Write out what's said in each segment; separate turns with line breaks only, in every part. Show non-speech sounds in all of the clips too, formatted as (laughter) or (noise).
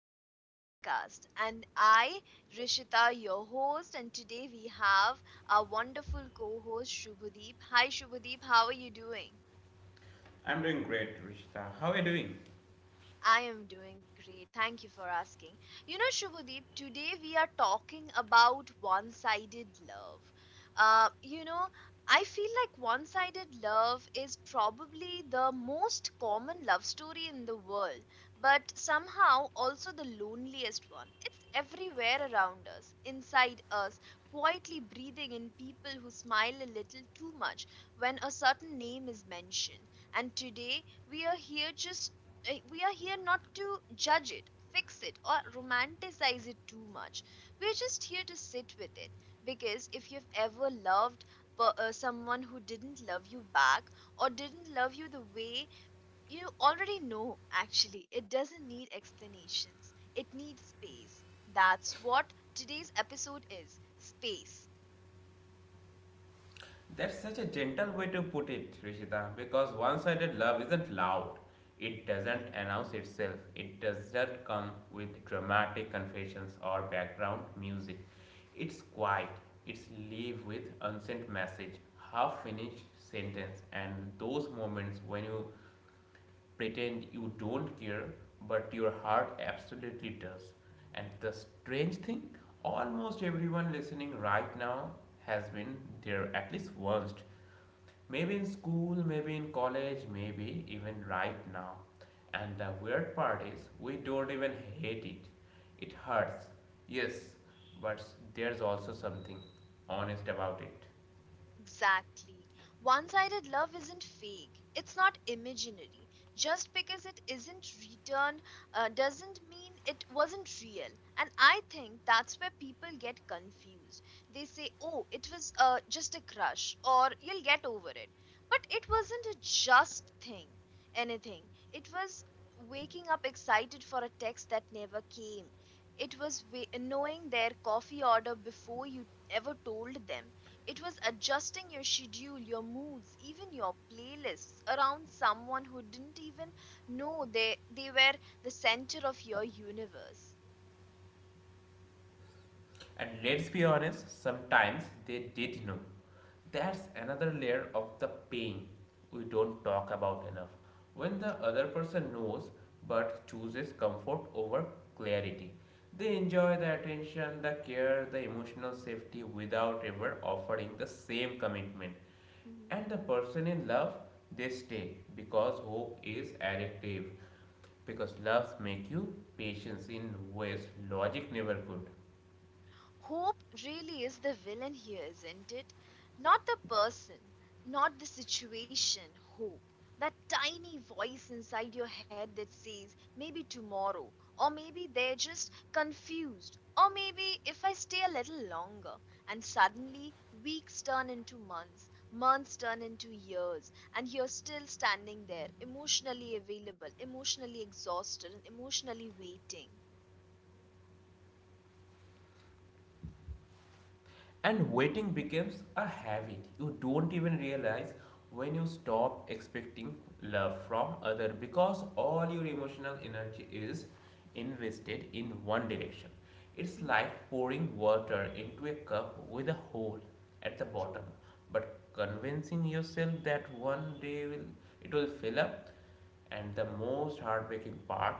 to our podcast. And I, Rishita, your host, and today we have our wonderful co host, Shubhadeep. Hi, Shubhadeep, how are you doing?
I'm doing great, Rishita. How are you doing?
I am doing great. Thank you for asking. You know, Shubhadeep, today we are talking about one sided love. Uh, you know, I feel like one sided love is probably the most common love story in the world, but somehow also the loneliest one. It's everywhere around us, inside us, quietly breathing in people who smile a little too much when a certain name is mentioned. And today we are here just we are here not to judge it, fix it, or romanticize it too much. We're just here to sit with it. Because if you've ever loved someone who didn't love you back or didn't love you the way you already know, actually, it doesn't need explanations, it needs space. That's what today's episode is space.
That's such a gentle way to put it, Rishita, because one sided love isn't loud. It
(laughs)
doesn't announce itself. It doesn't come with dramatic confessions or background music. It's quiet. It's leave with unsent message, half finished sentence, and those moments when you pretend you don't care, but your heart absolutely does. And the strange thing, almost everyone listening right now has been there at least once. Maybe in school, maybe in college, maybe even right now. And the weird part is, we don't even hate it. It hurts, yes, but there's also something honest about it.
Exactly. One sided love isn't fake, it's not imaginary. Just because it isn't returned doesn't mean it wasn't real. And I think that's where people get confused. They say, oh, it was just a crush, or you'll get over it. But it wasn't a just thing, anything. It was waking up excited for a text that never came. It was knowing their coffee order before you ever told them. It was adjusting your schedule, your moods, even your playlists around someone who didn't even know they were the center of your universe.
And let's be honest, sometimes they did know. That's another layer of the pain we don't talk about enough. When the
True.
other person knows but chooses comfort over clarity, they enjoy the attention, the care, the emotional safety without ever offering the same commitment. And the person in love, they stay because hope is addictive, because love make you patience in ways logic never could.
Hope really is the villain here, isn't it? Not the person, not the situation, hope. That tiny voice inside your head that says, maybe tomorrow, or maybe they're just confused, or maybe if I stay a little longer. And suddenly, weeks turn into months, months turn into years, and you're still standing there, emotionally available, emotionally exhausted, and emotionally waiting.
And waiting becomes a habit. You don't even realize when you stop expecting love from other because all your emotional energy is invested in one direction. It's
Mhm.
like pouring water into a cup with a hole at the bottom,
True.
but convincing yourself that one day will it will fill up, and the most heartbreaking part,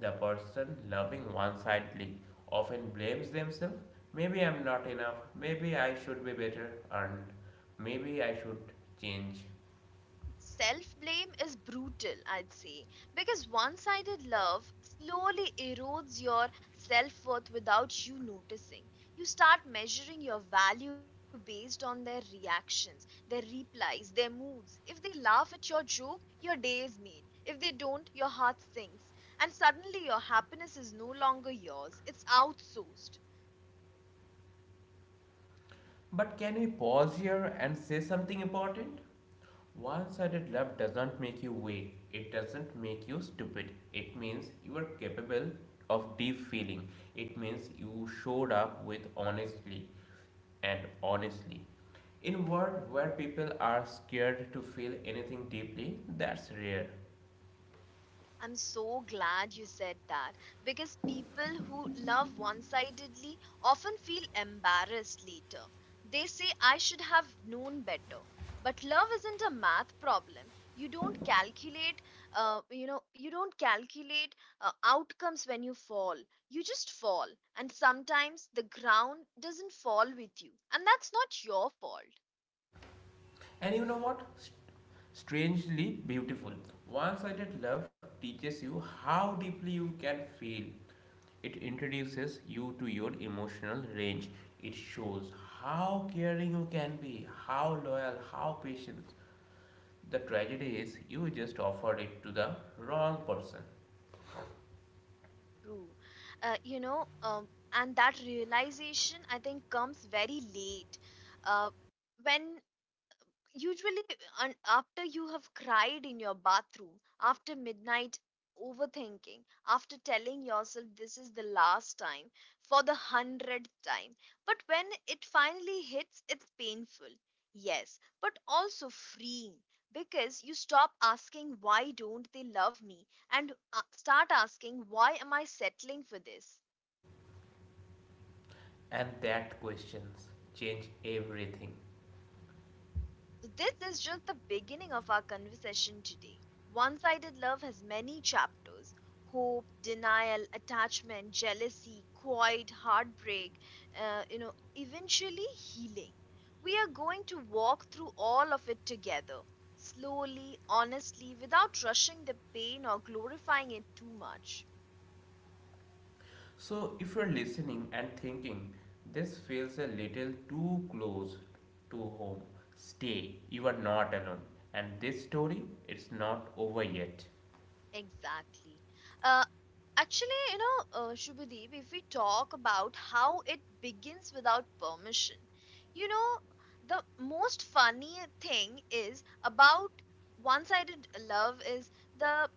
the person loving one sidedly often blames themselves. Maybe I'm not enough. Maybe I should be better. And maybe I should change.
Self blame is brutal, I'd say, because one sided love slowly erodes your self worth without you noticing. You start measuring your value based on their reactions, their replies, their moods. If they laugh at your joke, your day is made. If they don't, your heart sinks. And suddenly your happiness is no longer yours, it's outsourced.
But can we pause here and say something important? One sided love doesn't make you weak, it doesn't make you stupid. It means you are capable of deep feeling. It means you showed up with honestly. And honestly. In a world where people are scared to feel anything deeply, that's rare.
I'm so glad you said that because people who love one sidedly often feel embarrassed later. They say, I should have known better. But love isn't a math problem. You don't you don't calculate outcomes when you fall. You just fall. And sometimes the ground doesn't fall with you. And that's not your fault.
And you know what? Strangely beautiful. One sided love teaches you how deeply you can feel. It introduces you to your emotional range. It shows how caring you can be, how loyal, how patient. The tragedy is you just offered it to the wrong person.
True. Uh, you know, um, and that realization I think comes very late. Uh, when usually after you have cried in your bathroom after midnight, overthinking, after telling yourself this is the last time for the 100th time, but when it finally hits, it's painful, yes, but also freeing, because you stop asking why don't they love me and start asking why am I settling for this.
And that questions change everything.
So, this is just the beginning of our conversation today. One sided love has many chapters: hope, denial, attachment, jealousy, quiet, heartbreak, eventually healing. We are going to walk through all of it together, slowly, honestly, without rushing the pain or glorifying it too much.
So, if you're listening and thinking this feels a little too close to home, stay. You are not alone. And this story, it's not over yet.
Exactly. Uh, Actually, Shubhadeep, if we talk about how it begins without permission, you know, the most funny thing is about one-sided love is the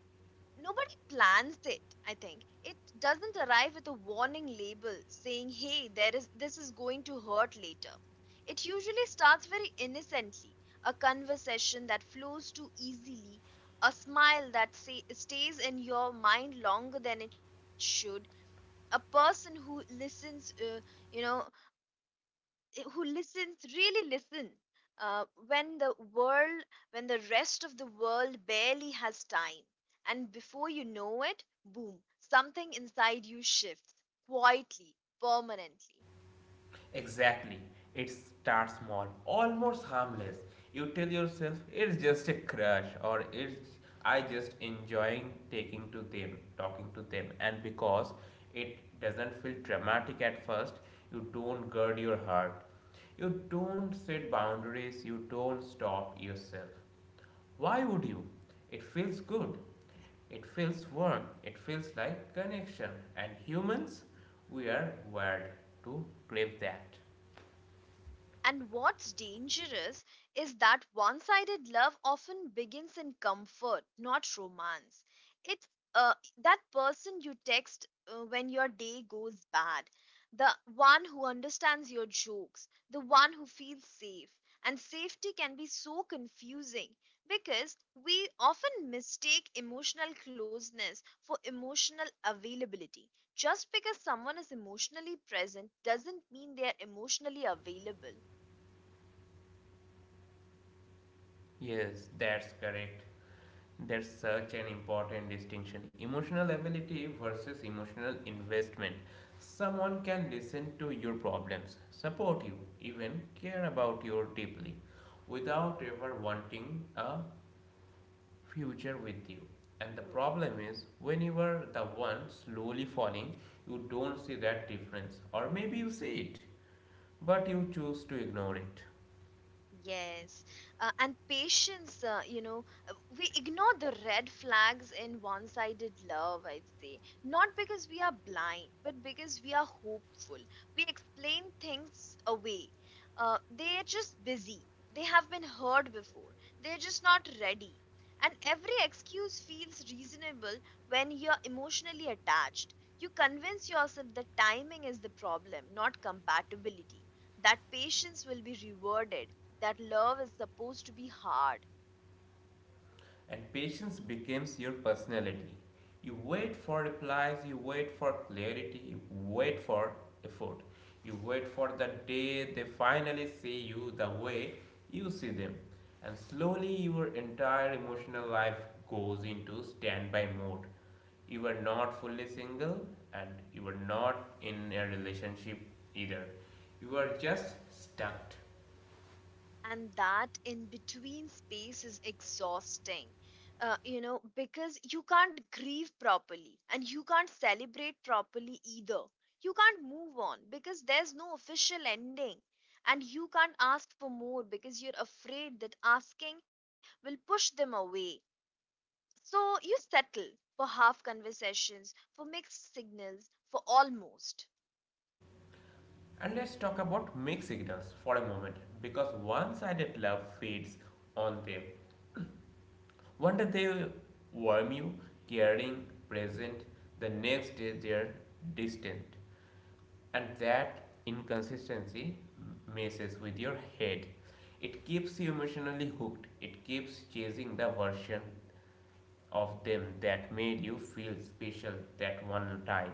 nobody plans it, I think. It doesn't arrive with a warning label saying, "Hey, there is this is going to hurt later." It usually starts very innocently, a conversation that flows too easily, a smile that say, stays in your mind longer than it should, a person who listens, you know, really listens when the world, when the rest of the world barely has time, and before you know it, boom, something inside you shifts, quietly, permanently.
Exactly. It starts small, almost harmless. You tell yourself it's just a crush, or it's I just enjoying taking to them, talking to them. And because it doesn't feel dramatic at first, you don't guard your heart. You don't set boundaries, you don't stop yourself. Why would you? It feels good. It feels warm. It feels like connection. And humans, we are wired to crave that.
And what's dangerous is that one sided love often begins in comfort, not romance. It's uh, that person you text when your day goes bad, the one who understands your jokes, the one who feels safe. And safety can be so confusing because we often mistake emotional closeness for emotional availability. Just because someone is emotionally present doesn't mean they are emotionally available.
Yes, that's correct. That's such an important distinction. Emotional ability versus emotional investment. Someone can listen to your problems, support you, even care about you deeply without ever wanting a future with you. And the
True.
problem is, when you are the one slowly falling, you don't see that difference, or maybe you see it, but you choose to ignore it.
Yes, and patience, we ignore the red flags in one sided love, I'd say. Not because we are blind, but because we are hopeful. We explain things away. They're just busy. They have been heard before. They're just not ready. And every excuse feels reasonable when you're emotionally attached. You convince yourself that timing is the problem, not compatibility, that patience will be rewarded, that love is supposed to be hard,
And patience becomes your personality. You wait for replies, you wait for clarity, you wait for effort, you wait for the day they finally see you the way you see them. And slowly your entire emotional life goes into standby mode. You were not fully single, and you were not in a relationship either. You were just stuck.
and that in between space is exhausting, because you can't grieve properly and you can't celebrate properly either. You can't move on because there's no official ending, and you can't ask for more because you're afraid that asking will push them away, so you settle for half conversations, for mixed signals, for almost.
And let's talk about mixed signals for a moment, because one sided love feeds on them. One day they warm you, caring, present, the next day they're distant. And that inconsistency messes with your head. It keeps you emotionally hooked. It keeps chasing the version of them that made you feel special that one time.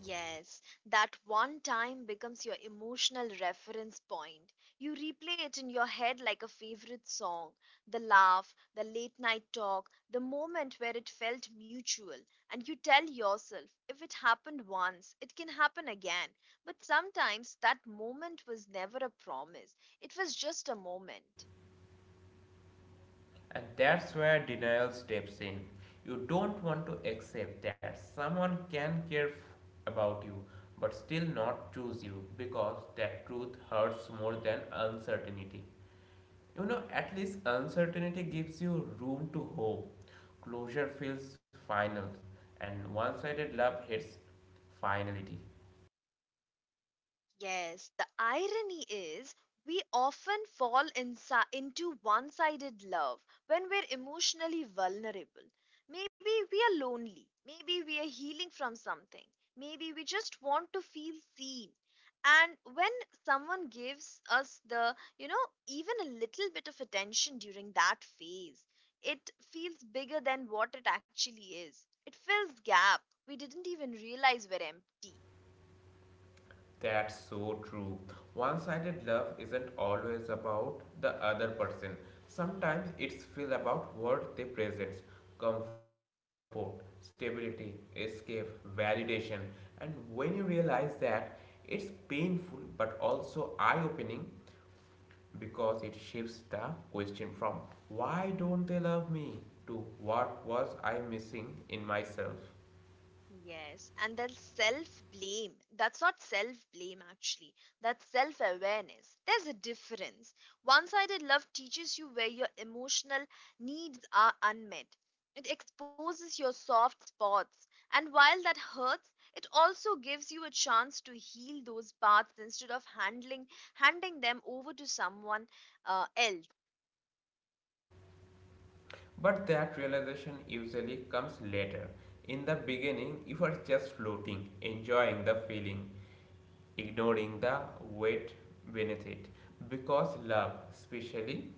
Yes, that one time becomes your emotional reference point. You replay it in your head like a favorite song. The laugh, the late night talk, the moment where it felt mutual. And you tell yourself, if it happened once, it can happen again. But sometimes that moment was never a promise, it was just a moment.
And that's where denial steps in. You don't want to accept that someone can care about you but still not choose you, because that truth hurts more than uncertainty. You know, at least uncertainty gives you room to hope. Closure feels final, and one sided love hits finality.
Yes, the irony is we often fall into one sided love when we're emotionally vulnerable. Maybe we are lonely. Maybe we are healing from something. Maybe we just want to feel seen. And when someone gives us the, you know, even a little bit of attention during that phase, it feels bigger than what it actually is. It fills gap we didn't even realize were empty.
That's so true. One sided love isn't always about the other person. Sometimes it's feel about what they present, comfort, stability, escape, validation. And when you realize that, it's painful but also eye opening, because it shifts the question from why don't they love me to what was I missing in myself.
Yes, and then self blame. That's not self blame, actually. That's self awareness. There's a difference. One sided love teaches you where your emotional needs are unmet, it exposes your soft spots. And while that hurts, it also gives you a chance to heal those parts instead of handling handing them over to someone else.
But that realization usually comes later. In the beginning, you are just floating, enjoying the feeling, ignoring the weight beneath it. Because love, especially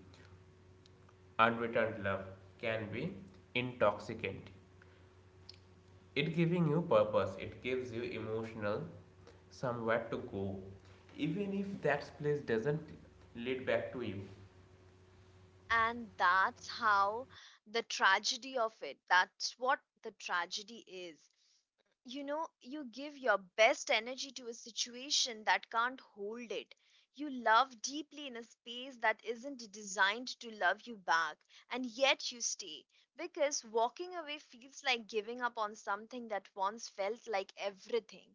unreturned love, can be intoxicant. It giving you purpose, it gives you emotional somewhere to go, even if that place doesn't lead back to you.
And that's how the tragedy of it, that's what the tragedy is, you know, you give your best energy to a situation that can't hold it. You love deeply in a space that isn't designed to love you back, and yet you stay, because walking away feels like giving up on something that once felt like everything.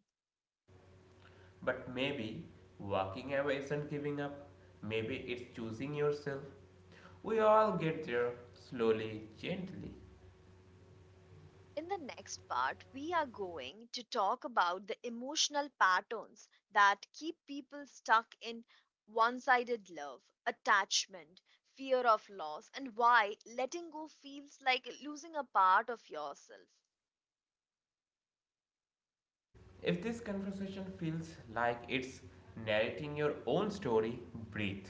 But maybe walking away isn't giving up, maybe it's choosing yourself. We all get there slowly, gently.
In the next part, we are going to talk about the emotional patterns that keep people stuck in one sided love, attachment, fear of loss, and why letting go feels like losing a part of yourself.
If this conversation feels like it's narrating your own story, breathe.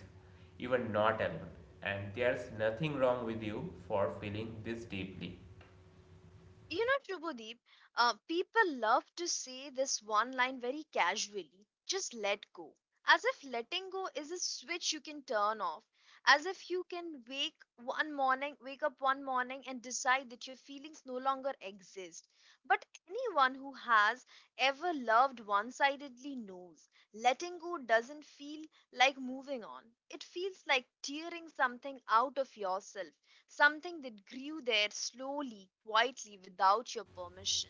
You are not alone, and there's nothing wrong with you for feeling this deeply.
You know, Tribhudeep, people love to say this one line very casually: just let go. As if letting go is a switch you can turn off. As if you can wake up one morning and decide that your feelings no longer exist. But anyone who has ever loved one sidedly knows letting go doesn't feel like moving on, it feels like tearing something out of yourself, something that grew there slowly, quietly, without your permission.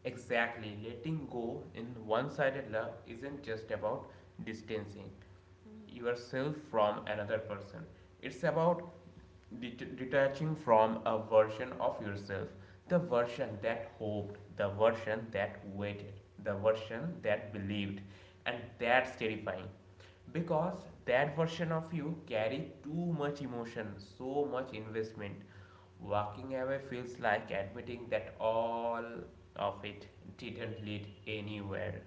Exactly. Letting go in one sided love isn't just about distancing
Mhm.
yourself from another person, it's about detaching from a version of yourself, the version that hoped, the version that waited, the version that believed, and that's terrifying because that version of you carry too much emotion, so much investment. Walking away feels like admitting that all of it didn't lead anywhere.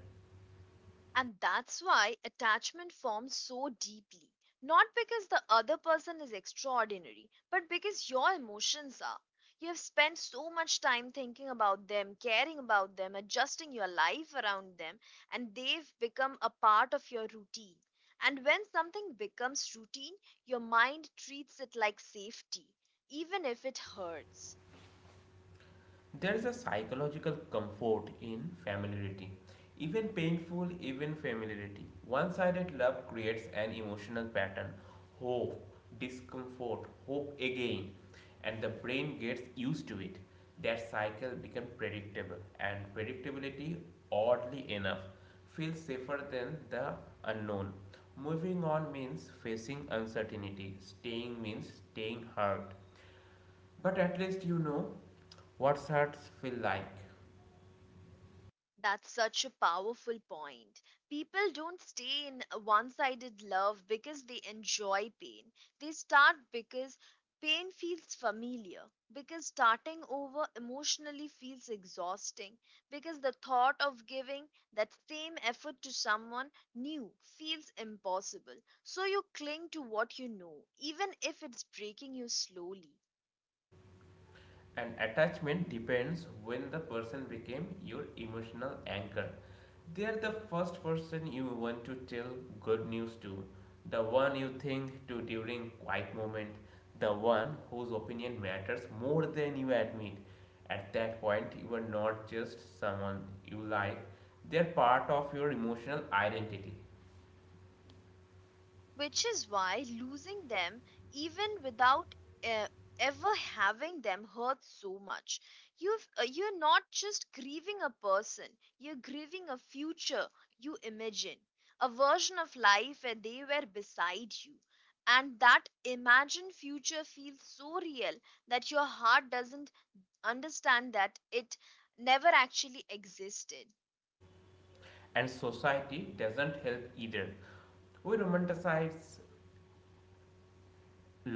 And that's why attachment forms so deeply. Not because the other person is extraordinary, but because your emotions are. You have spent so much time thinking about them, caring about them, adjusting your life around them, and they've become a part of your routine. And when something becomes routine, your mind treats it like safety, even if it hurts.
There is a psychological comfort in familiarity. Even painful, even familiarity. One sided love creates an emotional pattern, hope, discomfort, hope again, and the brain gets used to it. That cycle becomes predictable, and predictability, oddly enough, feels safer than the unknown. Moving on means facing uncertainty, staying means staying hurt. But at least you know what hurts feel like.
That's such a powerful point. People don't stay in a one sided love because they enjoy pain. They start because pain feels familiar, because starting over emotionally feels exhausting, because the thought of giving that same effort to someone new feels impossible. So you cling to what you know, even if it's breaking you slowly.
And attachment depends when the person became your emotional anchor. They are the first person you want to tell good news to, the one you think to during quiet moment, the one whose opinion matters more than you admit. At that point, you are not just someone you like, they are part of your emotional identity.
Which is why losing them, even without uh, ever having them, hurts so much. You're not just grieving a person, you're grieving a future you imagine, a version of life where they were beside you, and that imagined future feels so real that your heart doesn't understand that it never actually existed.
And society doesn't help either. We romanticize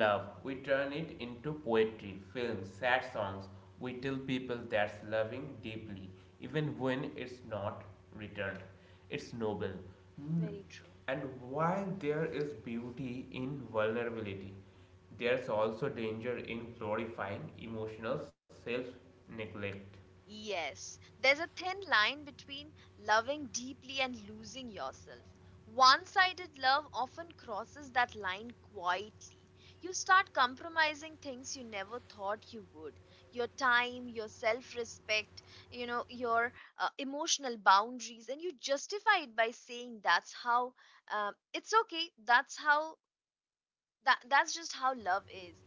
love, we turn it into poetry, films, sad songs. We tell people that's loving deeply, even when it's not returned. It's noble. Mm.
Very true.
And while there is beauty in vulnerability, there's also danger in glorifying emotional self neglect.
Yes, there's a thin line between loving deeply and losing yourself. One sided love often crosses that line quietly. You start compromising things you never thought you would: your time, your self respect, you know, your emotional boundaries, and you justify it by saying that's how it's okay, that's just how love is,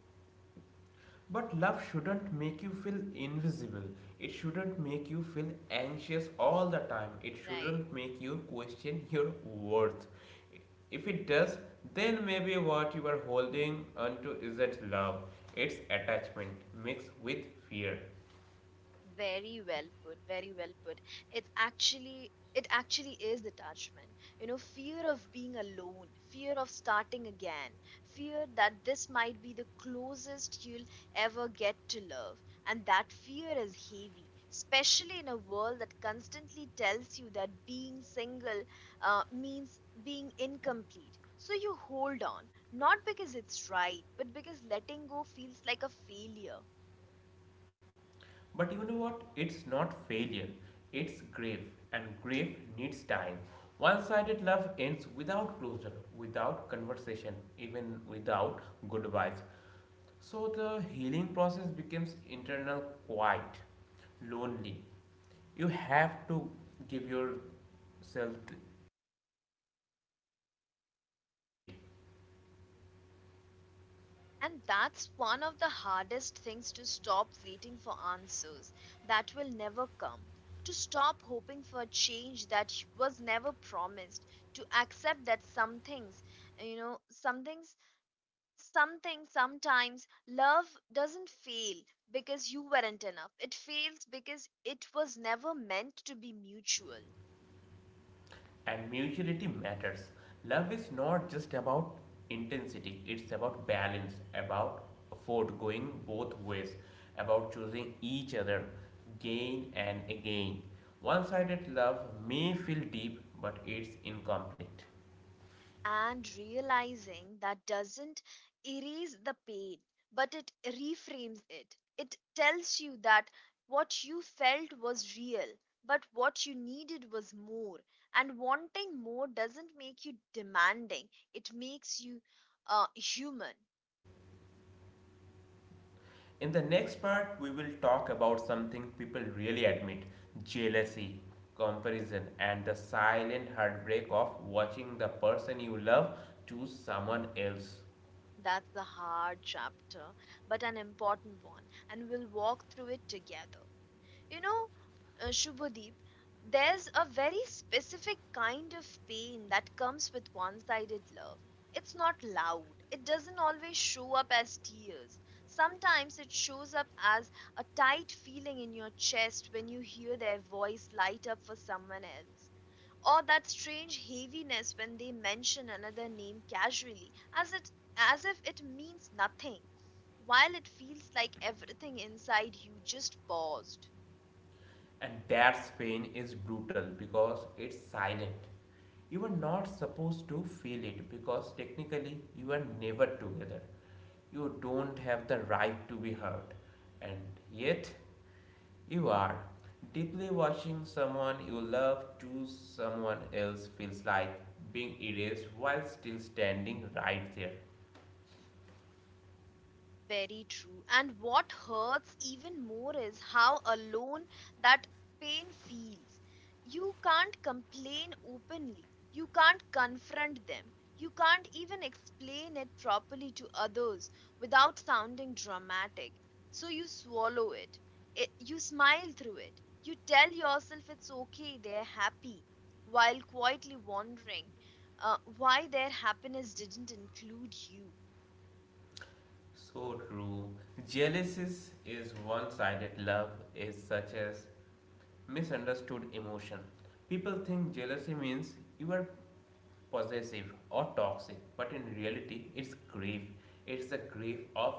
But love shouldn't make you feel invisible. It shouldn't make you feel anxious all the time. It
right?
shouldn't make you question your worth. If it does, then maybe what you are holding onto isn't love, it's attachment mixed with fear.
Very well put, very well put. It actually is detachment. You know, fear of being alone, fear of starting again, fear that this might be the closest you'll ever get to love. And that fear is heavy, especially in a world that constantly tells you that being single means being incomplete. So you hold on, not because it's right, but because letting go feels like a failure.
But you know what? It's not failure, it's grief, and
True.
grief needs time. One sided love ends without closure, without conversation, even without goodbyes. So the healing process becomes internal, quiet, lonely. You have to give yourself credit,
And that's one of the hardest things, to stop waiting for answers that will never come, to stop hoping for change that was never promised, to accept that some things, you know, some things, sometimes love doesn't fail because you weren't enough. It fails because it was never meant to be mutual.
and mutuality matters. Love is not just about intensity, it's about balance, about effort going both ways, about choosing each other again and again. One sided love may feel deep, but it's incomplete.
And realizing that doesn't erase the pain, but it reframes it. It tells you that what you felt was real, but what you needed was more. And wanting more doesn't make you demanding, it makes you human.
In the next part, we will talk about something people really admit, jealousy, comparison, and the silent heartbreak of watching the person you love choose someone else.
That's the hard chapter, but an important one, and we'll walk through it together. You know, Shubhadeep, there's a very specific kind of pain that comes with one sided love. It's not loud, it doesn't always show up as tears. Sometimes it shows up as a tight feeling in your chest when you hear their voice light up for someone else. Or that strange heaviness when they mention another name casually, as if it means nothing, while it feels like everything inside you just paused.
And that pain is brutal because it's silent. You are not supposed to feel it because technically you are never together. You don't have the right to be hurt. And yet, you are. Deeply watching someone you love choose someone else feels like being erased while still standing right there.
Very true. And what hurts even more is how alone that pain feels. You can't complain openly. You can't confront them. You can't even explain it properly to others without sounding dramatic. So you swallow it, you smile through it. You tell yourself it's okay, they're happy, while quietly wondering why their happiness didn't include you.
So true. Jealousy is one sided, love is such a misunderstood emotion. People think jealousy means you are possessive or toxic, but in reality, it's grief. It's the grief of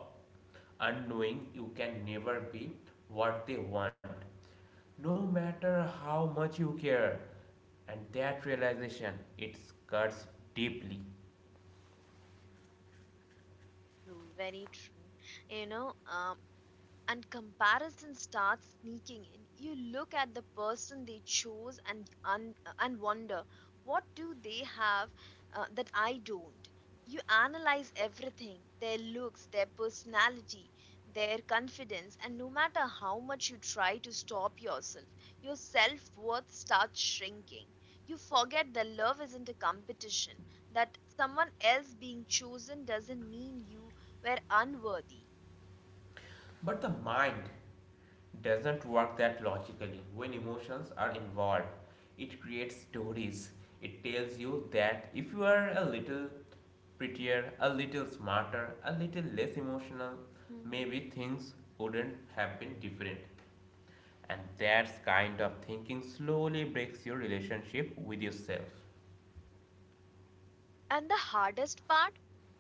unknowing you can never be what they want, no matter how much you care. And that realization, it cuts deeply.
Very true. You know, um, and comparison starts sneaking in. You look at the person they chose and wonder, what do they have that I don't? You analyze everything, their looks, their personality, their confidence, and no matter how much you try to stop yourself, your self-worth starts shrinking. You forget that love isn't a competition, that someone else being chosen doesn't mean you were unworthy.
But the mind doesn't work that logically when emotions are involved. It creates stories. It tells you that if you are a little prettier, a little smarter, a little less emotional, maybe things wouldn't have been different. And that kind of thinking slowly breaks your relationship with yourself.
And the hardest part,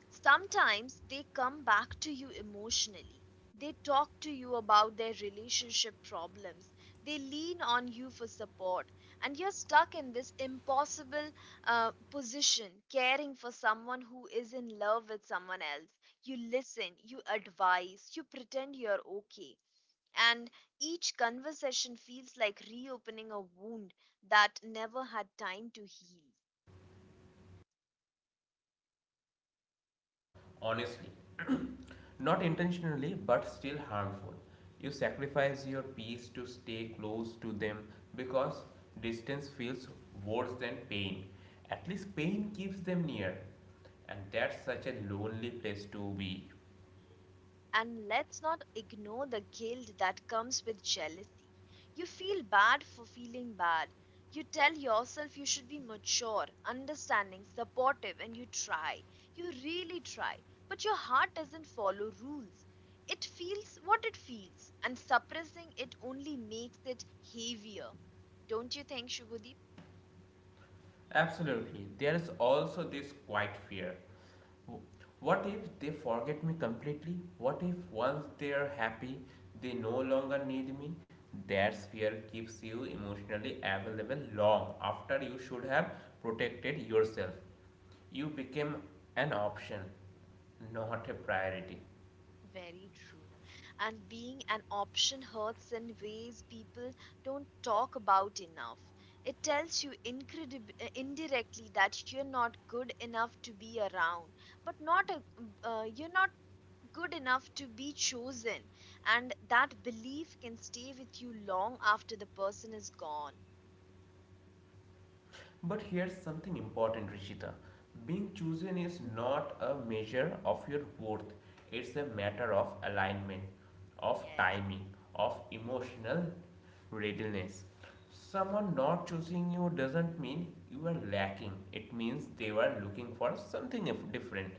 sometimes they come back to you emotionally. They talk to you about their relationship problems. They lean on you for support. And you're stuck in this impossible position, caring for someone who is in love with someone else. You listen, you advise, you pretend you're okay. And each conversation feels like reopening a wound that never had time to heal.
Honestly, (clears throat) not intentionally but still harmful, you sacrifice your peace to stay close to them, because distance feels worse than pain. At least pain keeps them near, and that's such a lonely place to be.
And let's not ignore the guilt that comes with jealousy. You feel bad for feeling bad. You tell yourself you should be mature, understanding, supportive, and you try. You really try. But your heart doesn't follow rules. It feels what it feels, and suppressing it only makes it heavier. Don't you think, Shubhadeep?
Absolutely. There is also this quiet fear. What if they forget me completely? What if once they are happy, they no longer need me? That fear keeps you emotionally available long after you should have protected yourself. You became an option, not a priority.
Very true. And being an option hurts in ways people don't talk about enough. It tells you indirectly that you're not good enough to be around, but not a, you're not good enough to be chosen. And that belief can stay with you long after the person is gone.
But here's something important, Rishita. Being chosen is not a measure of your worth, it's a
True.
matter of alignment, of
Yes.
timing, of emotional readiness. Someone not choosing you doesn't mean you are lacking, it means they were looking for something different.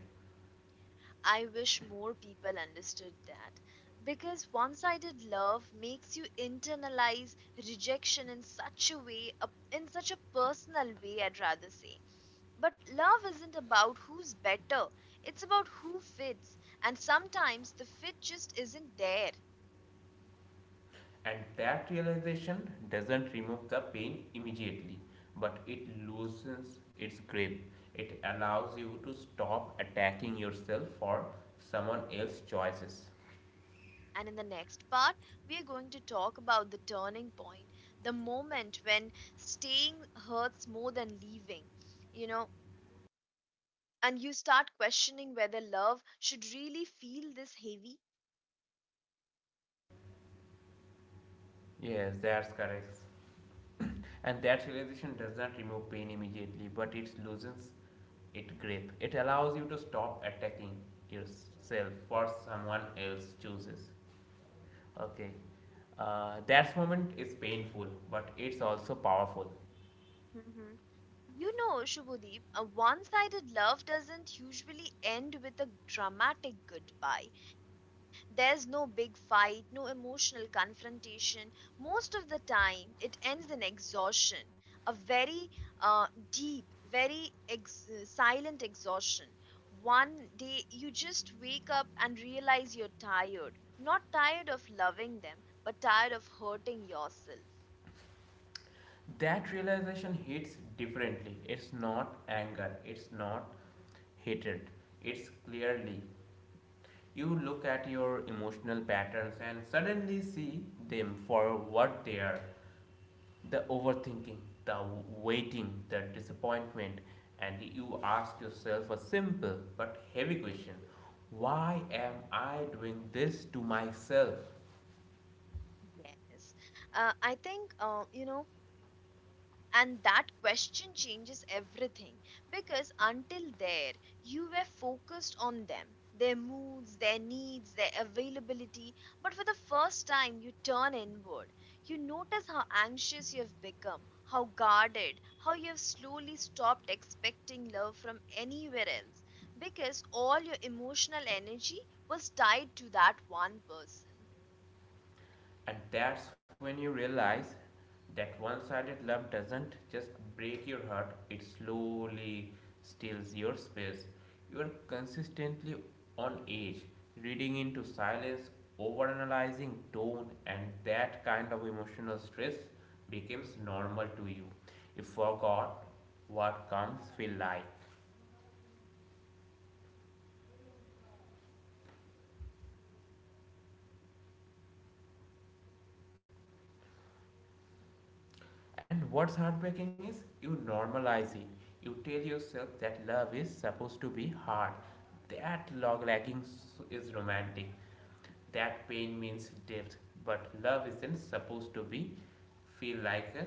I wish more people understood that, because one sided love makes you internalize rejection in such a way, in such a personal way, I'd rather say. But love isn't about who's better, it's about who fits. And sometimes the fit just isn't there.
And that realization doesn't remove the pain immediately, but it loosens its grip. It allows you to stop attacking yourself for someone else's choices.
And in the next part, we are going to talk about the turning point, the moment when staying hurts more than leaving. You know, and you start questioning whether love should really feel this heavy.
Yes, that's correct. And that realization does not remove pain immediately, but it loosens its grip. It allows you to stop attacking yourself for someone else chooses. Okay. That moment is painful, but it's also powerful.
Hmm. You know, Shubhadeep, a one sided love doesn't usually end with a dramatic goodbye. There's no big fight, no emotional confrontation. Most of the time, it ends in exhaustion, a very uh, deep, very silent exhaustion. One day, you just wake up and realize you're tired. Not tired of loving them, but tired of hurting yourself.
That realization hits differently. It's not anger, it's not hatred, it's clearly. You look at your emotional patterns and suddenly see them for what they are, the overthinking, the waiting, the disappointment, and you ask yourself a simple but heavy question: why am I doing this to myself?
Yes. I think, you know, And that question changes everything, because until there, you were focused on them, their moods, their needs, their availability. But for the first time, you turn inward. You notice how anxious you have become, how guarded, how you have slowly stopped expecting love from anywhere else, because all your emotional energy was tied to that one person.
And that's when you realize that one sided love doesn't just break your heart, it slowly steals your space. You are consistently on edge, reading into silence, overanalyzing tone, and that kind of emotional stress becomes normal to you. You forgot what comes feel like. And what's heartbreaking is you normalize it. You tell yourself that love is supposed to be hard. That log lagging is romantic. That pain means depth. But love isn't supposed to be feel like a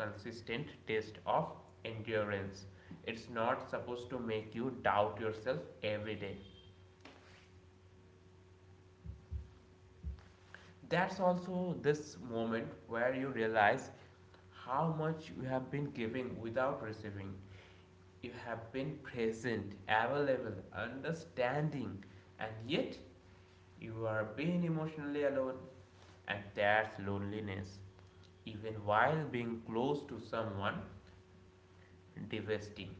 consistent test of endurance. It's not supposed to make you doubt yourself every day. That's also this moment where you realize how much you have been giving without receiving. You have been present, available, understanding, and yet you are being emotionally alone. And that's loneliness, even while being close to someone, devastating.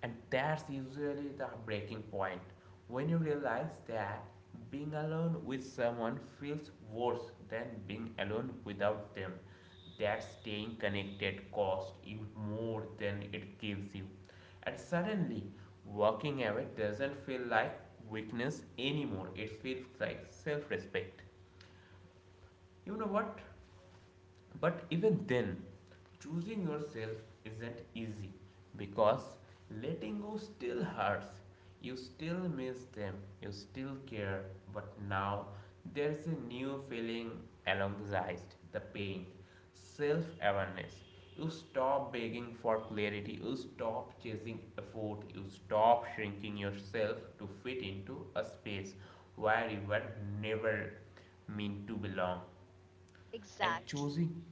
And that's usually the breaking point, when you realize that being alone with someone feels worse than being alone without them. That staying connected costs you more than it gives you. And suddenly, walking away doesn't feel like weakness anymore, it feels like self respect. You know what? But even then, choosing yourself isn't easy because letting go still hurts. You still miss them, you still care, but now there's a new feeling alongside the pain, self awareness. You stop begging for clarity, you stop chasing effort, you stop shrinking yourself to fit into a space where you were never meant to belong. And
Exactly.
choosing.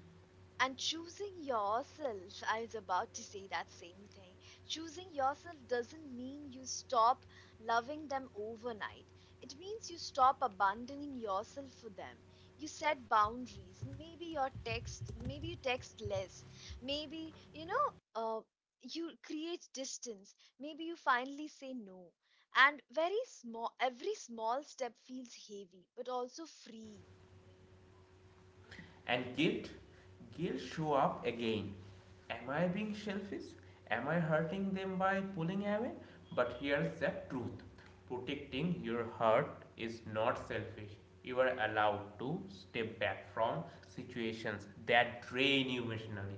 And choosing yourself, I was about to say that same thing. Choosing yourself doesn't mean you stop loving them overnight, it means you stop abandoning yourself for them. You set boundaries, maybe you text less, maybe, you know, uh, you create distance, maybe you finally say no. And very small every small step feels heavy but also free.
And guilt show up again. Am I being selfish? Am I hurting them by pulling away? But here's the truth. Protecting your heart is not selfish. You are allowed to step back from situations that drain you emotionally.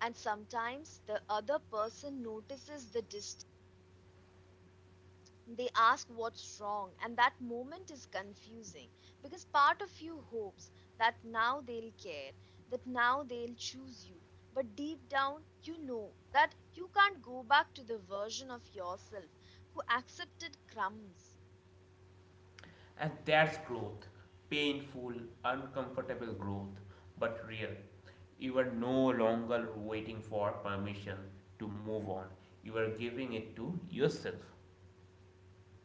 And sometimes the other person notices the distance. They ask what's wrong, and that moment is confusing because part of you hopes that now they'll care, that now they'll choose you. But deep down, you know that you can't go back to the version of yourself who accepted crumbs.
And that's growth. Painful, uncomfortable growth, but real. You are no longer waiting for permission to move on. You are giving it to yourself.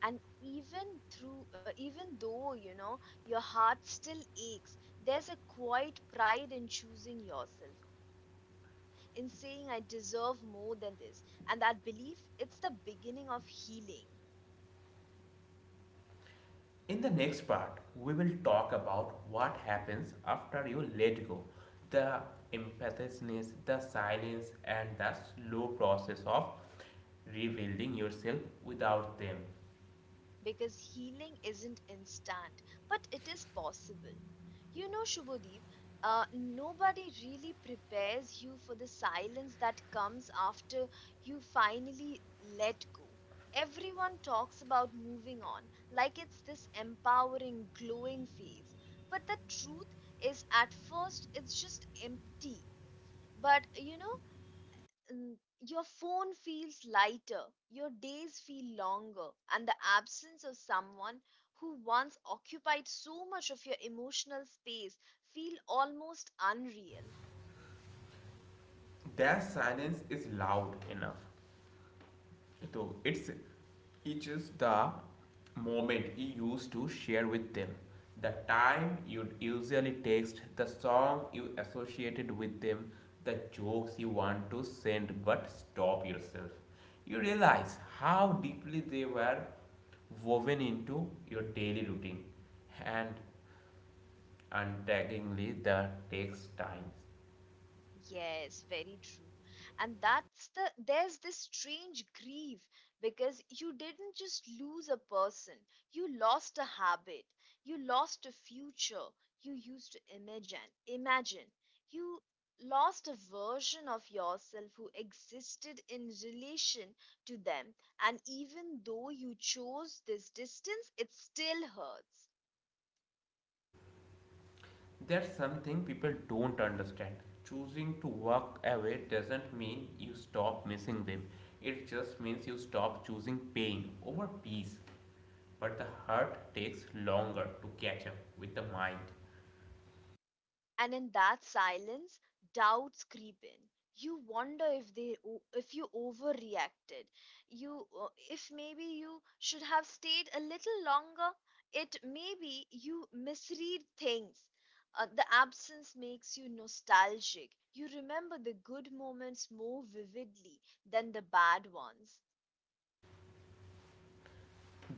And even though, you know, your heart still aches, there's a quiet pride in choosing yourself, in saying I deserve more than this. And that belief, it's the beginning of healing,
In the next part, we will talk about what happens after you let go, the impetuousness, the silence, and the slow process of rebuilding yourself without them.
because healing isn't instant, but it is possible. You know, Shubhodeep, nobody really prepares you for the silence that comes after you finally let go. Everyone talks about moving on like it's this empowering, glowing phase. But the truth is, at first, it's just empty. But you know, your phone feels lighter, your days feel longer, and the absence of someone who once occupied so much of your emotional space feel almost unreal.
That silence is loud enough. So it is the moment you used to share with them, the time you usually text, the song you associated with them, the jokes you want to send but stop yourself. You realize how deeply they were woven into your daily routine, and untaggingly the takes time.
Yes, very true. And that's the there's this strange grief because you didn't just lose a person, you lost a habit, you lost a future you used to imagine. You lost a version of yourself who existed in relation to them, and even though you chose this distance, it still hurts.
That's something people don't understand. Choosing to walk away doesn't mean you stop missing them. It just means you stop choosing pain over peace. But the heart takes longer to catch up with the mind.
And in that silence doubts creep in. You wonder if they o- if you overreacted, you, if maybe you should have stayed a little longer, it maybe you misread things. The absence makes you nostalgic, you remember the good moments more vividly than the bad ones.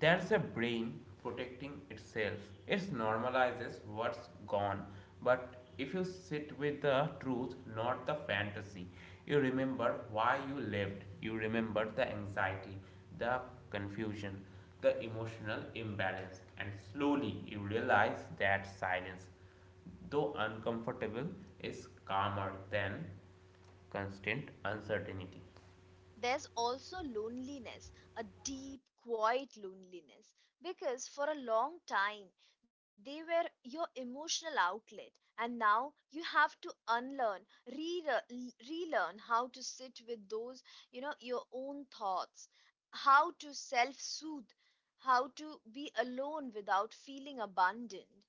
There's a brain protecting itself. It normalizes what's gone. But if you sit with the truth, not the fantasy, you remember why you lived. You remember the anxiety, the confusion, the emotional imbalance. And slowly you realize that silence, though uncomfortable, is calmer than constant uncertainty.
There's also loneliness, a deep, quiet loneliness, because for a long time they were your emotional outlet, and now you have to relearn how to sit with those, you know, your own thoughts, how to self soothe, how to be alone without feeling abandoned.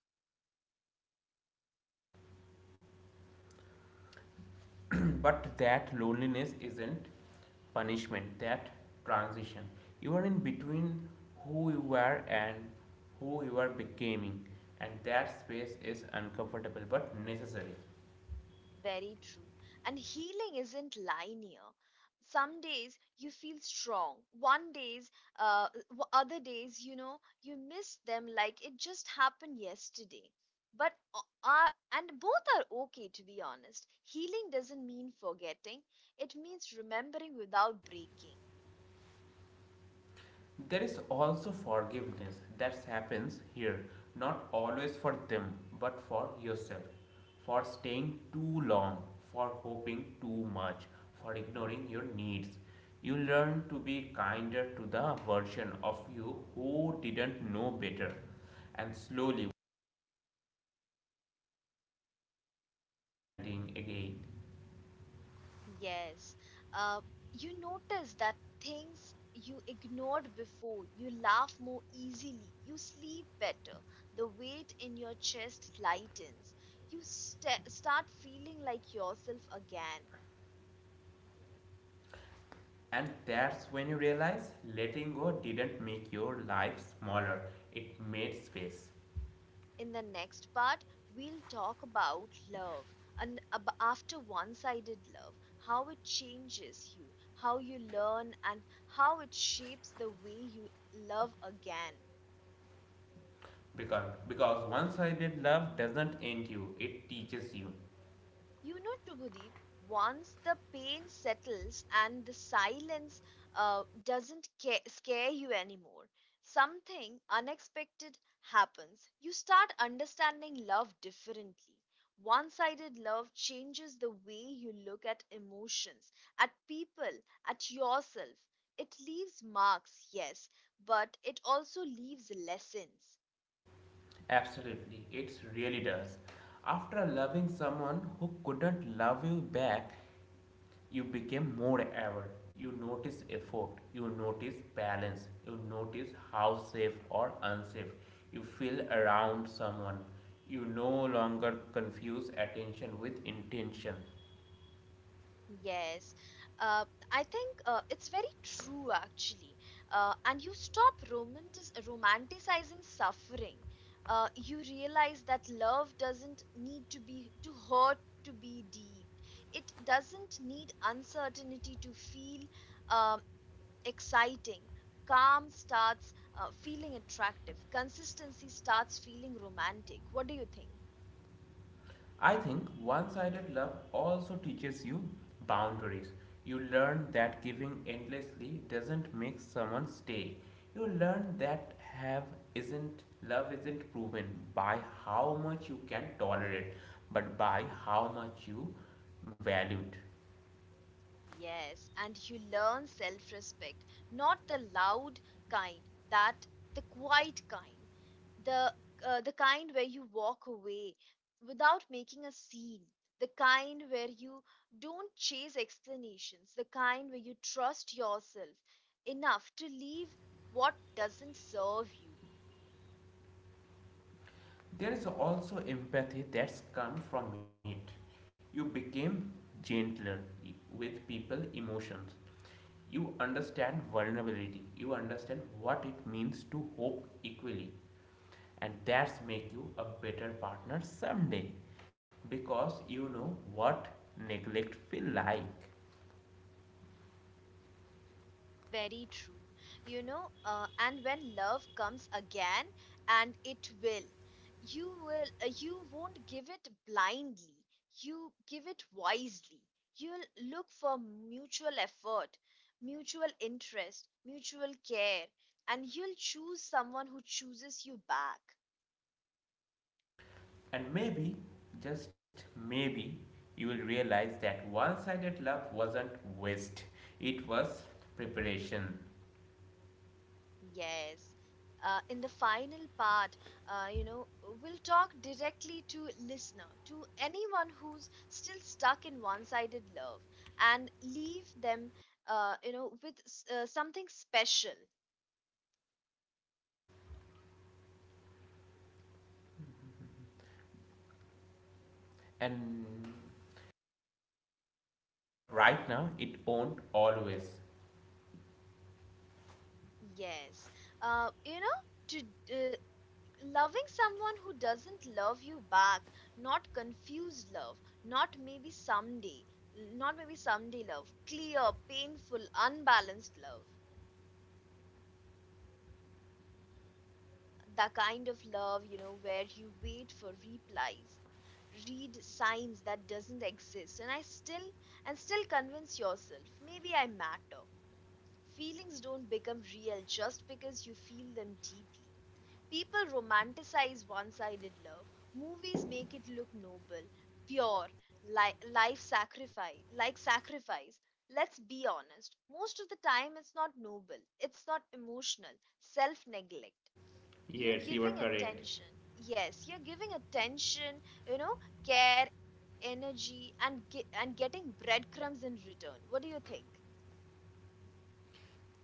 (clears throat) But that loneliness isn't punishment, that transition. You are in between who you were and who you are becoming, and that space is uncomfortable but necessary.
Very true. And healing isn't linear. Some days you feel strong. One days, other days, you know, you miss them like it just happened yesterday. But and both are okay, to be honest. Healing doesn't mean forgetting. It means remembering without breaking.
There is also forgiveness that happens here, not always for them, but for yourself. For staying too long, for hoping too much, for ignoring your needs. You learn to be kinder to the version of you who didn't know better, and slowly standing again.
Yes. Uh, you notice that things you ignored before, you laugh more easily, you sleep better, the weight in your chest lightens, you start feeling like yourself again.
And that's when you realize letting go didn't make your life smaller, it made space.
In the next part, we'll talk about love after one sided love, how it changes you, how you learn, and how it shapes the way you love again.
Because one sided love doesn't end you, it teaches you.
You know, Shubhadeep, once the pain settles and the silence doesn't scare you anymore, something unexpected happens. You start understanding love differently. One sided love changes the way you look at emotions, at people, at yourself. It leaves marks, yes, but it also leaves lessons.
Absolutely, it really does. After loving someone who couldn't love you back, you became more aware. You notice effort, you notice balance, you notice how safe or unsafe you feel around someone. You no longer confuse attention with intention.
Yes, uh, I think it's very true actually. And you stop romanticizing suffering. You realize that love doesn't need to hurt to be deep. It doesn't need uncertainty to feel exciting. Calm starts feeling attractive. Consistency starts feeling romantic. What do you think?
I think one sided love also teaches you boundaries. You learn that giving endlessly doesn't make someone stay. You learn that have isn't love isn't proven by how much you can tolerate, but by how much you value it.
Yes, and you learn self respect, not the loud kind, that the quiet kind, the the kind where you walk away without making a scene, the kind where you don't chase explanations, the kind where you trust yourself enough to leave what doesn't serve you.
There is also empathy that's come from it. You became gentler with people emotions. You understand vulnerability. You understand what it means to hope equally. And that's make you a better partner someday because you know what neglect feel like.
Very true. And when love comes again, and it will, you won't give it blindly. You give it wisely. You'll look for mutual effort, mutual interest, mutual care, and you'll choose someone who chooses you back.
And maybe, just maybe, you will realize that one-sided love wasn't waste. It was preparation.
Yes. In the final part, we'll talk directly to listener, to anyone who's still stuck in one-sided love, and leave them, with something special.
And but right now it won't always.
Yes. You know, to uh, Loving someone who doesn't love you back, not confused love, not maybe someday, not maybe someday love, clear, painful, unbalanced love. The kind of love, you know, where you wait for replies, read signs that doesn't exist, and still convince yourself maybe I matter. Feelings don't become real just because you feel them deeply. People romanticize one-sided love, movies make it look noble, pure, life sacrifice, sacrifice. Let's be honest, most of the time it's not noble, it's not, emotional self-neglect. You're
Yes, you are
giving
correct.
attention. Yes, you're giving attention, you know, care, energy, and getting breadcrumbs in return. What do you think?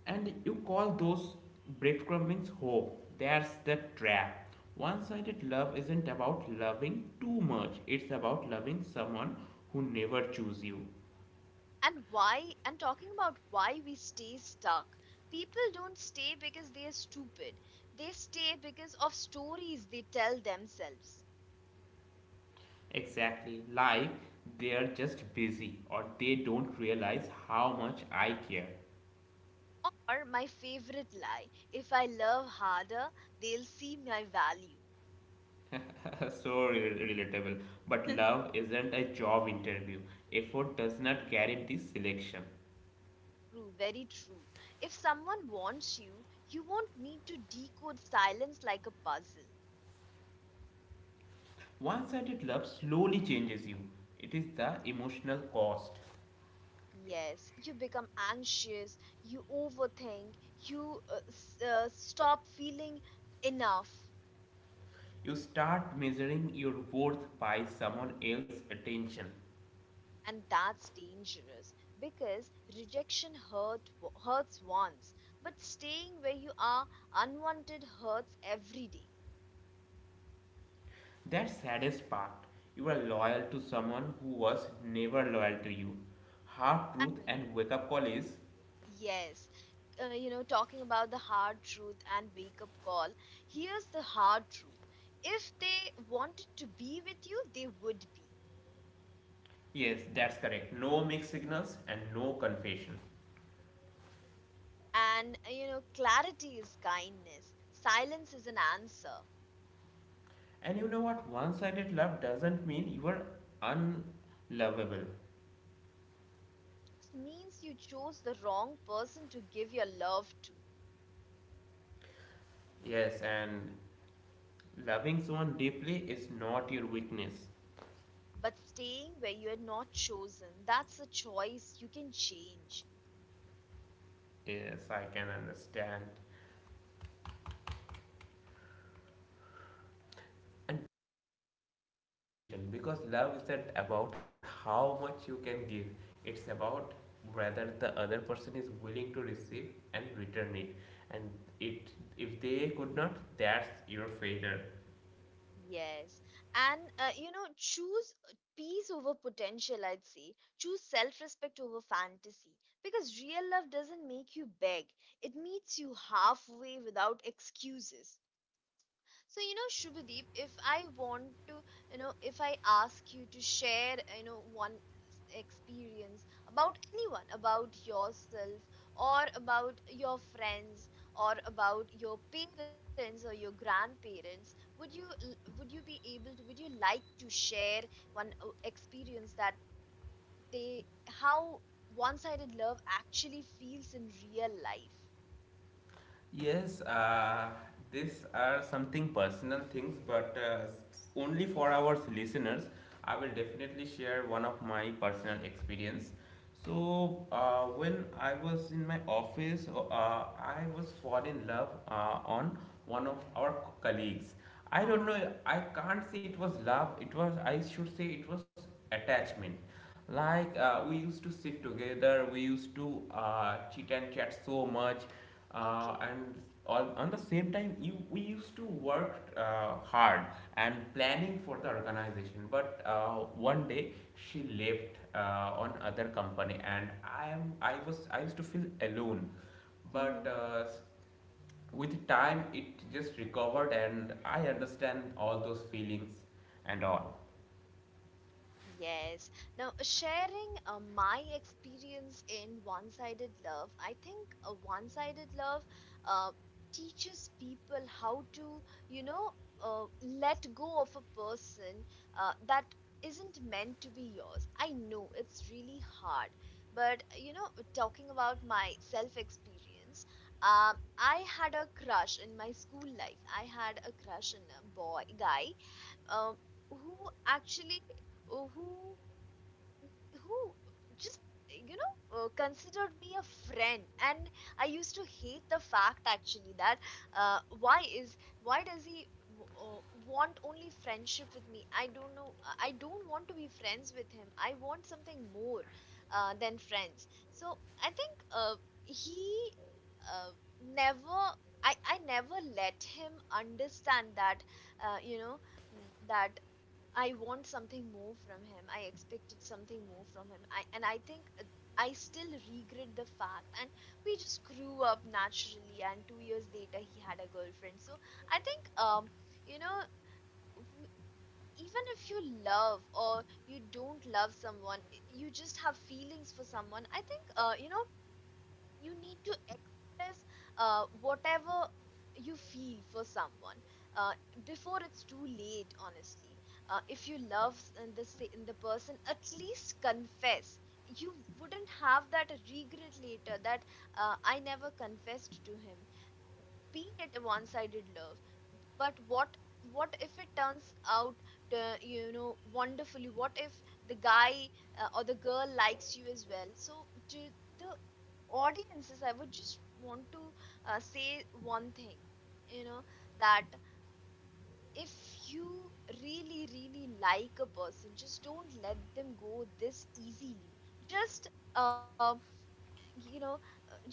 And you call those breadcrumbings hope. That's the trap. One sided love isn't about loving too much, it's about loving someone who never chooses you.
And why? And talking about why we stay stuck. People don't stay because they are stupid. They stay because of stories they tell themselves.
Exactly. Like, they're just busy or they don't realize how much I care.
Or my favorite lie: if I love harder, they'll see my value.
(laughs) Relatable. But
(laughs)
love isn't a job interview. Effort does not guarantee selection.
True, very true. If someone wants you, you won't need to decode silence like a puzzle.
One sided love slowly changes you. It is the emotional cost.
Yes, you become anxious, you overthink, you stop feeling enough.
You start measuring your worth by someone else's attention.
And that's dangerous because rejection hurt, hurts once, but staying where you are unwanted hurts every day.
That's the saddest part. You are loyal to someone who was never loyal to you. Hard truth and wake up call is
Yes. Talking about the hard truth and wake up call, here's the hard truth. If they wanted to be with you, they would be.
yes, that's correct. No mixed signals and no confession.
Clarity is kindness, silence is an answer.
And you know what? One sided love doesn't mean you are unlovable.
It means you chose the wrong person to give your love to.
Yes, and loving someone deeply is not your weakness.
But staying where you are not chosen, that's a choice you can change.
Yes, I can understand. And distinction because love isn't about how much you can give, it's about whether the other person is willing to receive and return it. And it, if they could not, that's your failure.
Yes. Choose peace over potential, I'd say. Choose self-respect over fantasy. Because real love doesn't make you beg, it meets you halfway without excuses. So, you know, Shubhadeep, if I want to, you know, if I ask you to share, you know, experience about anyone, about yourself, or about your friends, or about your parents or your grandparents, would you l- would you be able to, would you like to share one experience that they how one-sided love actually feels in real life?
Yes, these are something personal things, but only for our listeners, I will definitely share one of my personal experience. So when I was in my office, I was fall in love on one of our colleagues. I don't
Uh-huh.
know. I can't say it was love. It was, I should say it was attachment, like we used to sit together, we used to chit and chat so much,
Okay.
and all, on the same time, you, we used to work hard and planning for the organization. But one day she left on other company, and I am I was I used to feel alone, but with time it just recovered, and I understand all those feelings and all.
Yes. Now, sharing my experience in one sided love, I think one sided love uh, teaches people how to, you know, let go of a person that isn't meant to be yours. I know it's really hard, but you know, talking about my self experience, I had a crush in my school life. I had a crush on a boy guy um, who actually uh, who who just you know considered me a friend and I used to hate the fact actually that uh, why is why does he want only friendship with me, I don't know. I don't want to be friends with him, I want something more than friends. So I think he uh, never I never let him understand that uh, you know that I want something more from him. I expected something more from him. I think I still regret the fact, and we just grew up naturally and 2 years later he had a girlfriend. So I think you know w- even if you love or you don't love someone, you just have feelings for someone. I think you need to express whatever you feel for someone uh, before it's too late, honestly. If you love the person, at least confess. You wouldn't have that regret later that I never confessed to him, be it a one sided love. But what if it turns out wonderfully, what if the guy or the girl likes you as well? So to the audiences, I would just want to say one thing, you know, that if you really like a person, just don't let them go this easily. Just you know uh, just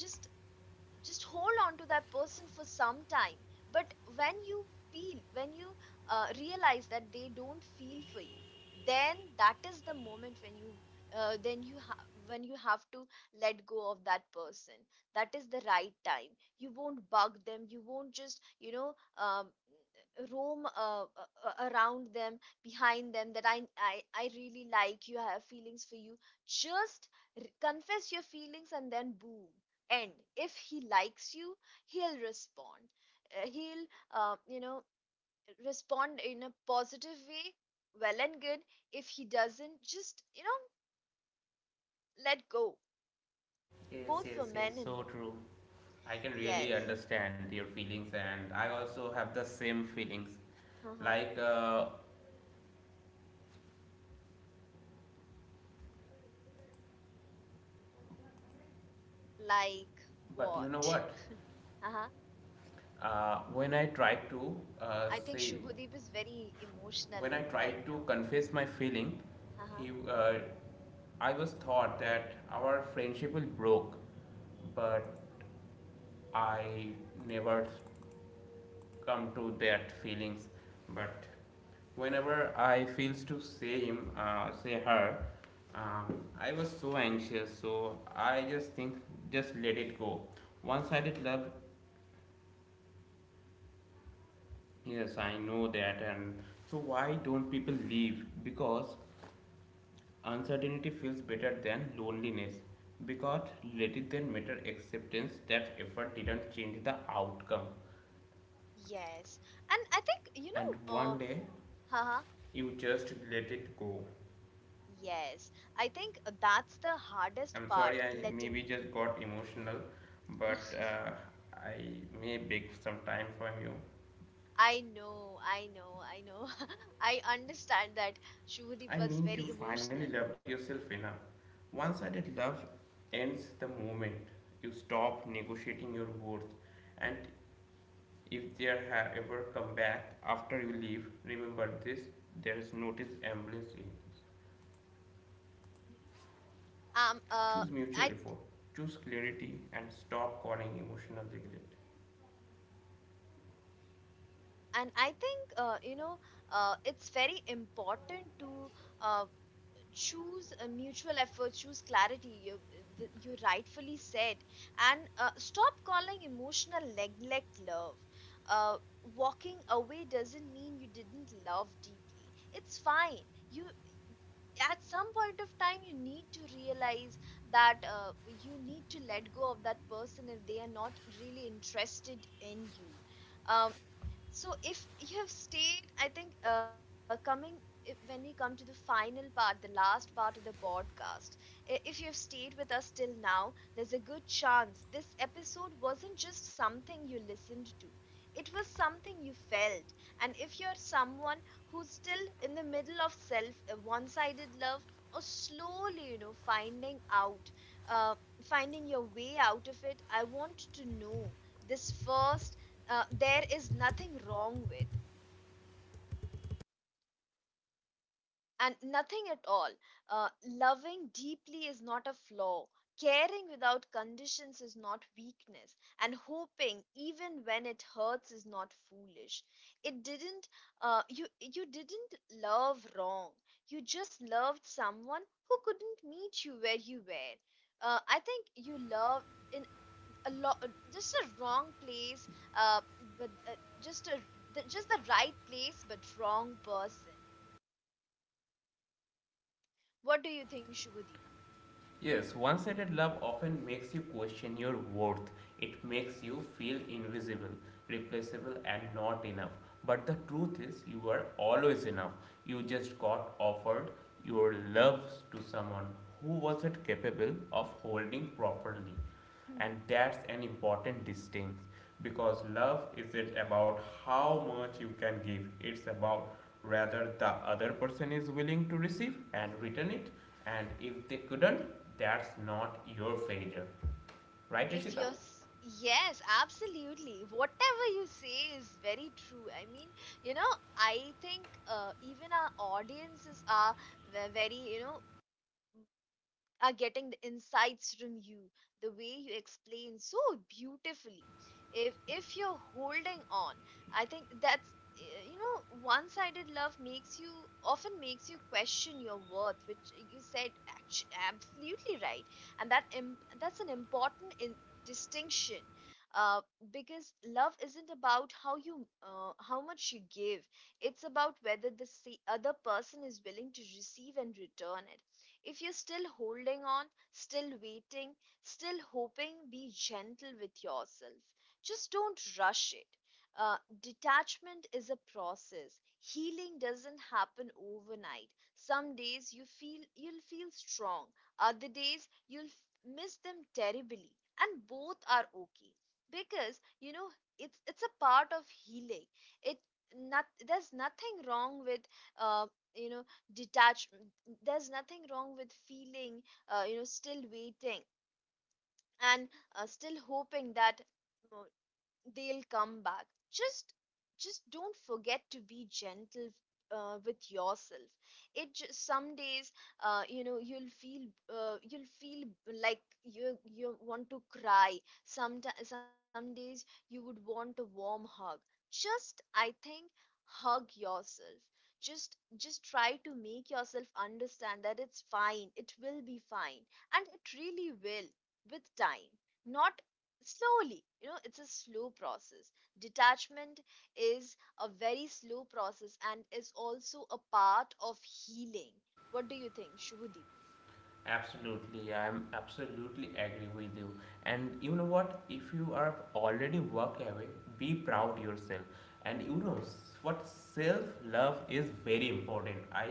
just hold on to that person for some time. But when you feel, when you realize that they don't feel for you, then that is the moment when you when you have to let go of that person. That is the right time. You won't bug them, you won't just you know roam around them, behind them, that I really like you, I have feelings for you. Just confess your feelings and then boom. And if he likes you, he'll respond. He'll, uh, you know, respond in a positive way. Well and good. If he doesn't, just, you know, let go.
Yes,
Both for
yes, yes,
men and
so true.
women.
I can really
Yes.
understand your feelings, and I also have the same feelings.
Uh-huh.
Like,
Like
but you know
what?
what?
Uh-huh.
When I tried to uh,
I think
say,
Shubhadeep is very
when
emotional
I
right
tried to
now.
confess my feeling,
Uh-huh.
he, I was thought that our friendship will broke, but I never come to that feelings, but whenever I feels to say him, say her, um, I was so anxious, so I just think just let it go. One-sided love, yes I know that. And so why don't people leave? Because uncertainty feels better than loneliness, because rather than matter acceptance that effort didn't change the outcome.
Yes. And I think, you
And
know,
one day
uh-huh.
you just let it go.
Yes. I think that's the hardest
I'm sorry,
part,
I
letting
maybe just got emotional,
go.
but
(laughs)
I may beg some time from you.
I know, I know, I know. (laughs) I understand that Shubhadeep
I
was
mean,
very
you finally
emotional.
loved yourself enough. One sided love ends the moment you stop negotiating your worth, and if there have ever come back after you leave, remember this: there is notice ambulance in.
Um, uh,
Choose
I
mutual effort, choose clarity, and stop calling emotional neglect.
I think it's very important to uh, choose a mutual effort, choose clarity. You rightfully said, and stop calling emotional neglect love. Uh, Walking away doesn't mean you didn't love deeply. It's fine. You At some point of time you need to realize that you need to let go of that person if they are not really interested in you. Um, so if you have stayed, I think when we come to the final part, the last part of the podcast, if you have stayed with us till now, there's a good chance this episode wasn't just something you listened to, it was something you felt. And if you're someone who's still in the middle of self one-sided love, or slowly you know finding out uh, finding your way out of it, I want to know this first. There is nothing wrong with, and nothing at all. Loving deeply is not a flaw. Caring without conditions is not weakness. And hoping, even when it hurts, is not foolish. It didn't, You, you didn't love wrong. You just loved someone who couldn't meet you where you were. I think you loved in a lot, just a wrong place, uh but just just the right place but wrong person. What do you think, shubhadeep?
Yes, one sided love often makes you question your worth. It makes you feel invisible, replaceable, and not enough. But the truth is, you are always enough. You just got offered your love to someone who wasn't capable of holding properly.
Mhm.
And that's an important distinction because love isn't about how much you can give, it's about rather the other person is willing to receive and return it, and if they couldn't, that's not your failure. Right,
if
Rishita?
you're s- Yes, absolutely, whatever you say is very true. I mean, you know, I think even our audiences are very you know are getting the insights from you, the way you explain so beautifully. If you're holding on, I think that's you know, one sided love makes you, often makes you question your worth, which you said absolutely right. And that that's an important distinction, uh, because love isn't about how much you give, it's about whether the other person is willing to receive and return. If you're still holding on, still waiting, still hoping, be gentle with yourself. Just don't rush it. Uh, Detachment is a process. Healing doesn't happen overnight. Some days you feel you'll feel strong. Other days miss them terribly, and both are okay, because you know it's a part of healing. It not There's nothing wrong with uh, you know detachment, there's nothing wrong with feeling still waiting and still hoping that uh, they'll come back. just just don't forget to be gentle with yourself. It just some days, you'll feel, you'll feel like you want to cry. Some days you would want a warm hug. Just I think hug yourself, just try to make yourself understand that it's fine, it will be fine, and it really will. With time, not slowly, you know, it's a slow process. Detachment is a very slow process and is also a part of healing. What do you think, shubhadeep?
Absolutely, I'm absolutely agree with you. And you know what? If you are already work away, be proud yourself. And you know what? Self love is very important. I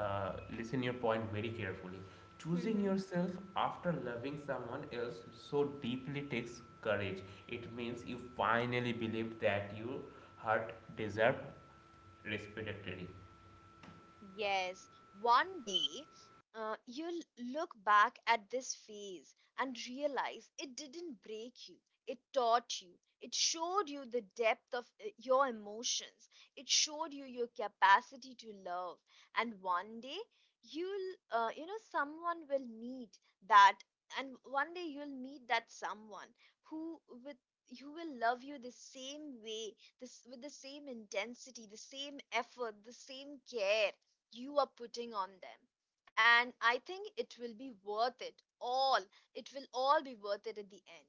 listen your point very carefully. Choosing yourself after loving someone else so deeply takes courage. It means you finally believe that your heart deserves respectively.
Yes, one day you'll look back at this phase and realize it didn't break you. It taught you. It showed you the depth of your emotions. It showed you your capacity to love. And one day you'll, you know, someone will meet that. And one day you'll meet that someone who with you will love you the same way, this with the same intensity, the same effort, the same care you are putting on them. And I think it will be worth it all. It will all be worth it at the end.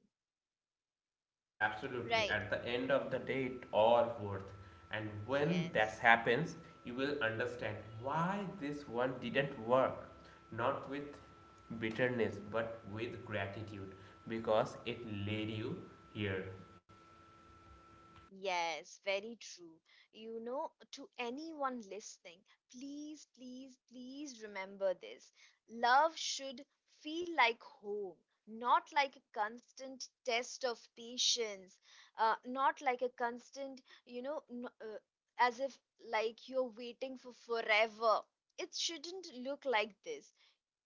Yes, absolutely.
Right.
At the end of the day, it all worth. And when that
Yes.
happens, you will understand why this one didn't work. Not with bitterness, but with gratitude, because it led you here.
Yes, very true. You know, to anyone listening, please, please, please remember this. Love should feel like home, not like a constant test of patience, not like a constant, you know, as if like you're waiting for forever. It shouldn't look like this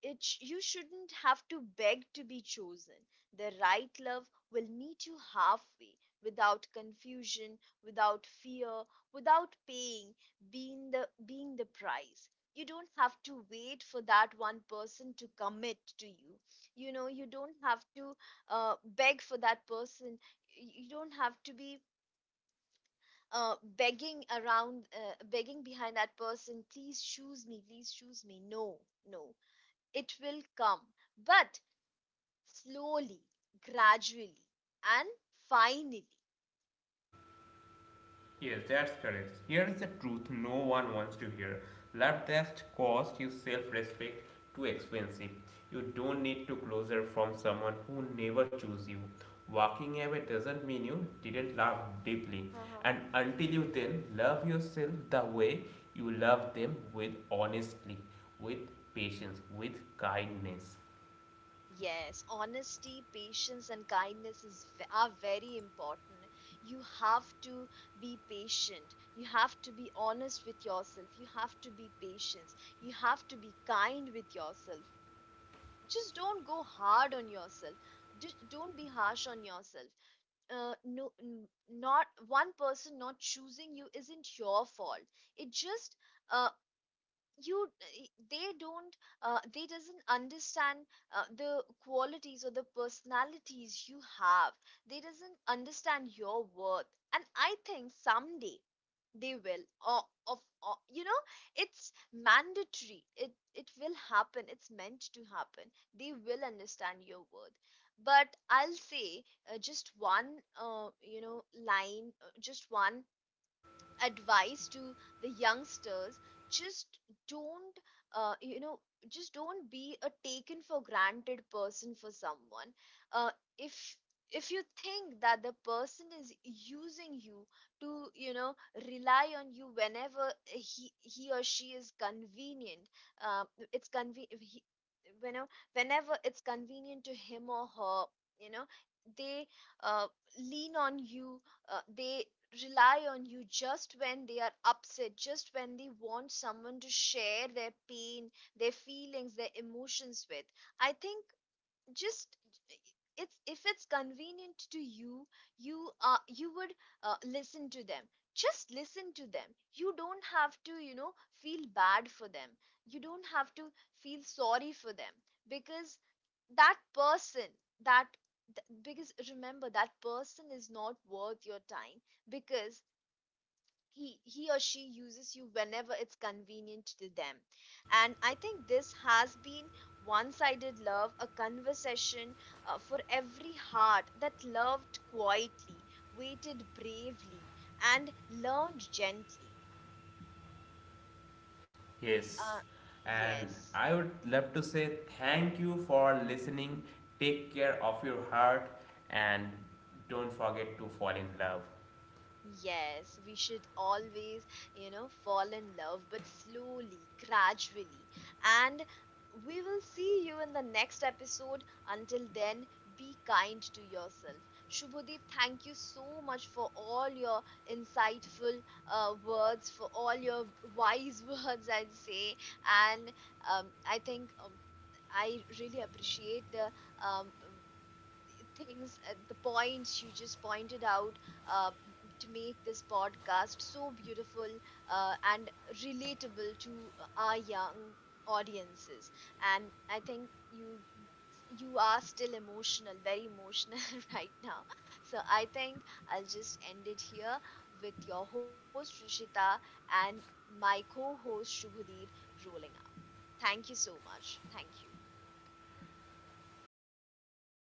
it sh- You shouldn't have to beg to be chosen. The right love will meet you halfway, without confusion, without fear, without paying being the price. You don't have to wait for that one person to commit to you. You know, you don't have to beg for that person. You don't have to be begging around, begging behind that person, please choose me, please choose me. No, no, it will come, but slowly, gradually, and finally.
Yes, that's correct. Here is the truth no one wants to hear. Love just cost you self-respect too expensive. You don't need to closer from someone who never chose you. Walking away doesn't mean you didn't love deeply.
Uh-huh.
And until you then love yourself the way you love them with honestly, with patience, with kindness.
Yes, honesty, patience, and kindness is, are very important. You have to be patient. You have to be honest with yourself. You have to be patient. You have to be kind with yourself. Just don't go hard on yourself. Just don't be harsh on yourself. Not one person not choosing you isn't your fault. It just uh, you they don't they doesn't understand the qualities or the personalities you have. They doesn't understand your worth. And I think someday they will, of you know, it's mandatory, it will happen, it's meant to happen, they will understand your worth. But I'll say uh, just one just one advice to the youngsters: just don't uh, you know just don't be a taken for granted person for someone. uh, if if you think that the person is using you to you know rely on you whenever he or she is convenient, uh, it's conven- he, you know, whenever it's convenient to him or her, you know they uh, lean on you, they rely on you just when they are upset, just when they want someone to share their pain, their feelings, their emotions with. I think just it's if it's convenient to you, you would listen to them. Just listen to them, you don't have to you know feel bad for them, you don't have to feel sorry for them, because that person, that because remember that person is not worth your time, because he or she uses you whenever it's convenient to them. And I think this has been one sided love, a conversation for every heart that loved quietly, waited bravely, and learned gently.
Yes,
uh,
and
yes.
I would love to say thank you for listening. Take care of your heart and don't forget to fall in love.
Yes, we should always, you know, fall in love, but slowly, gradually. And we will see you in the next episode. Until then, be kind to yourself. Shubhodeep, thank you so much for all your insightful words, for all your wise (laughs) words, I'd say. And I think I really appreciate the um, things, the points you just pointed out uh, to make this podcast so beautiful and relatable to our young audiences. And I think you are still emotional, very emotional (laughs) right now. So I think I'll just end it here with your host Rishita and my co-host Shubhadeep rolling out. Thank you so much. Thank you.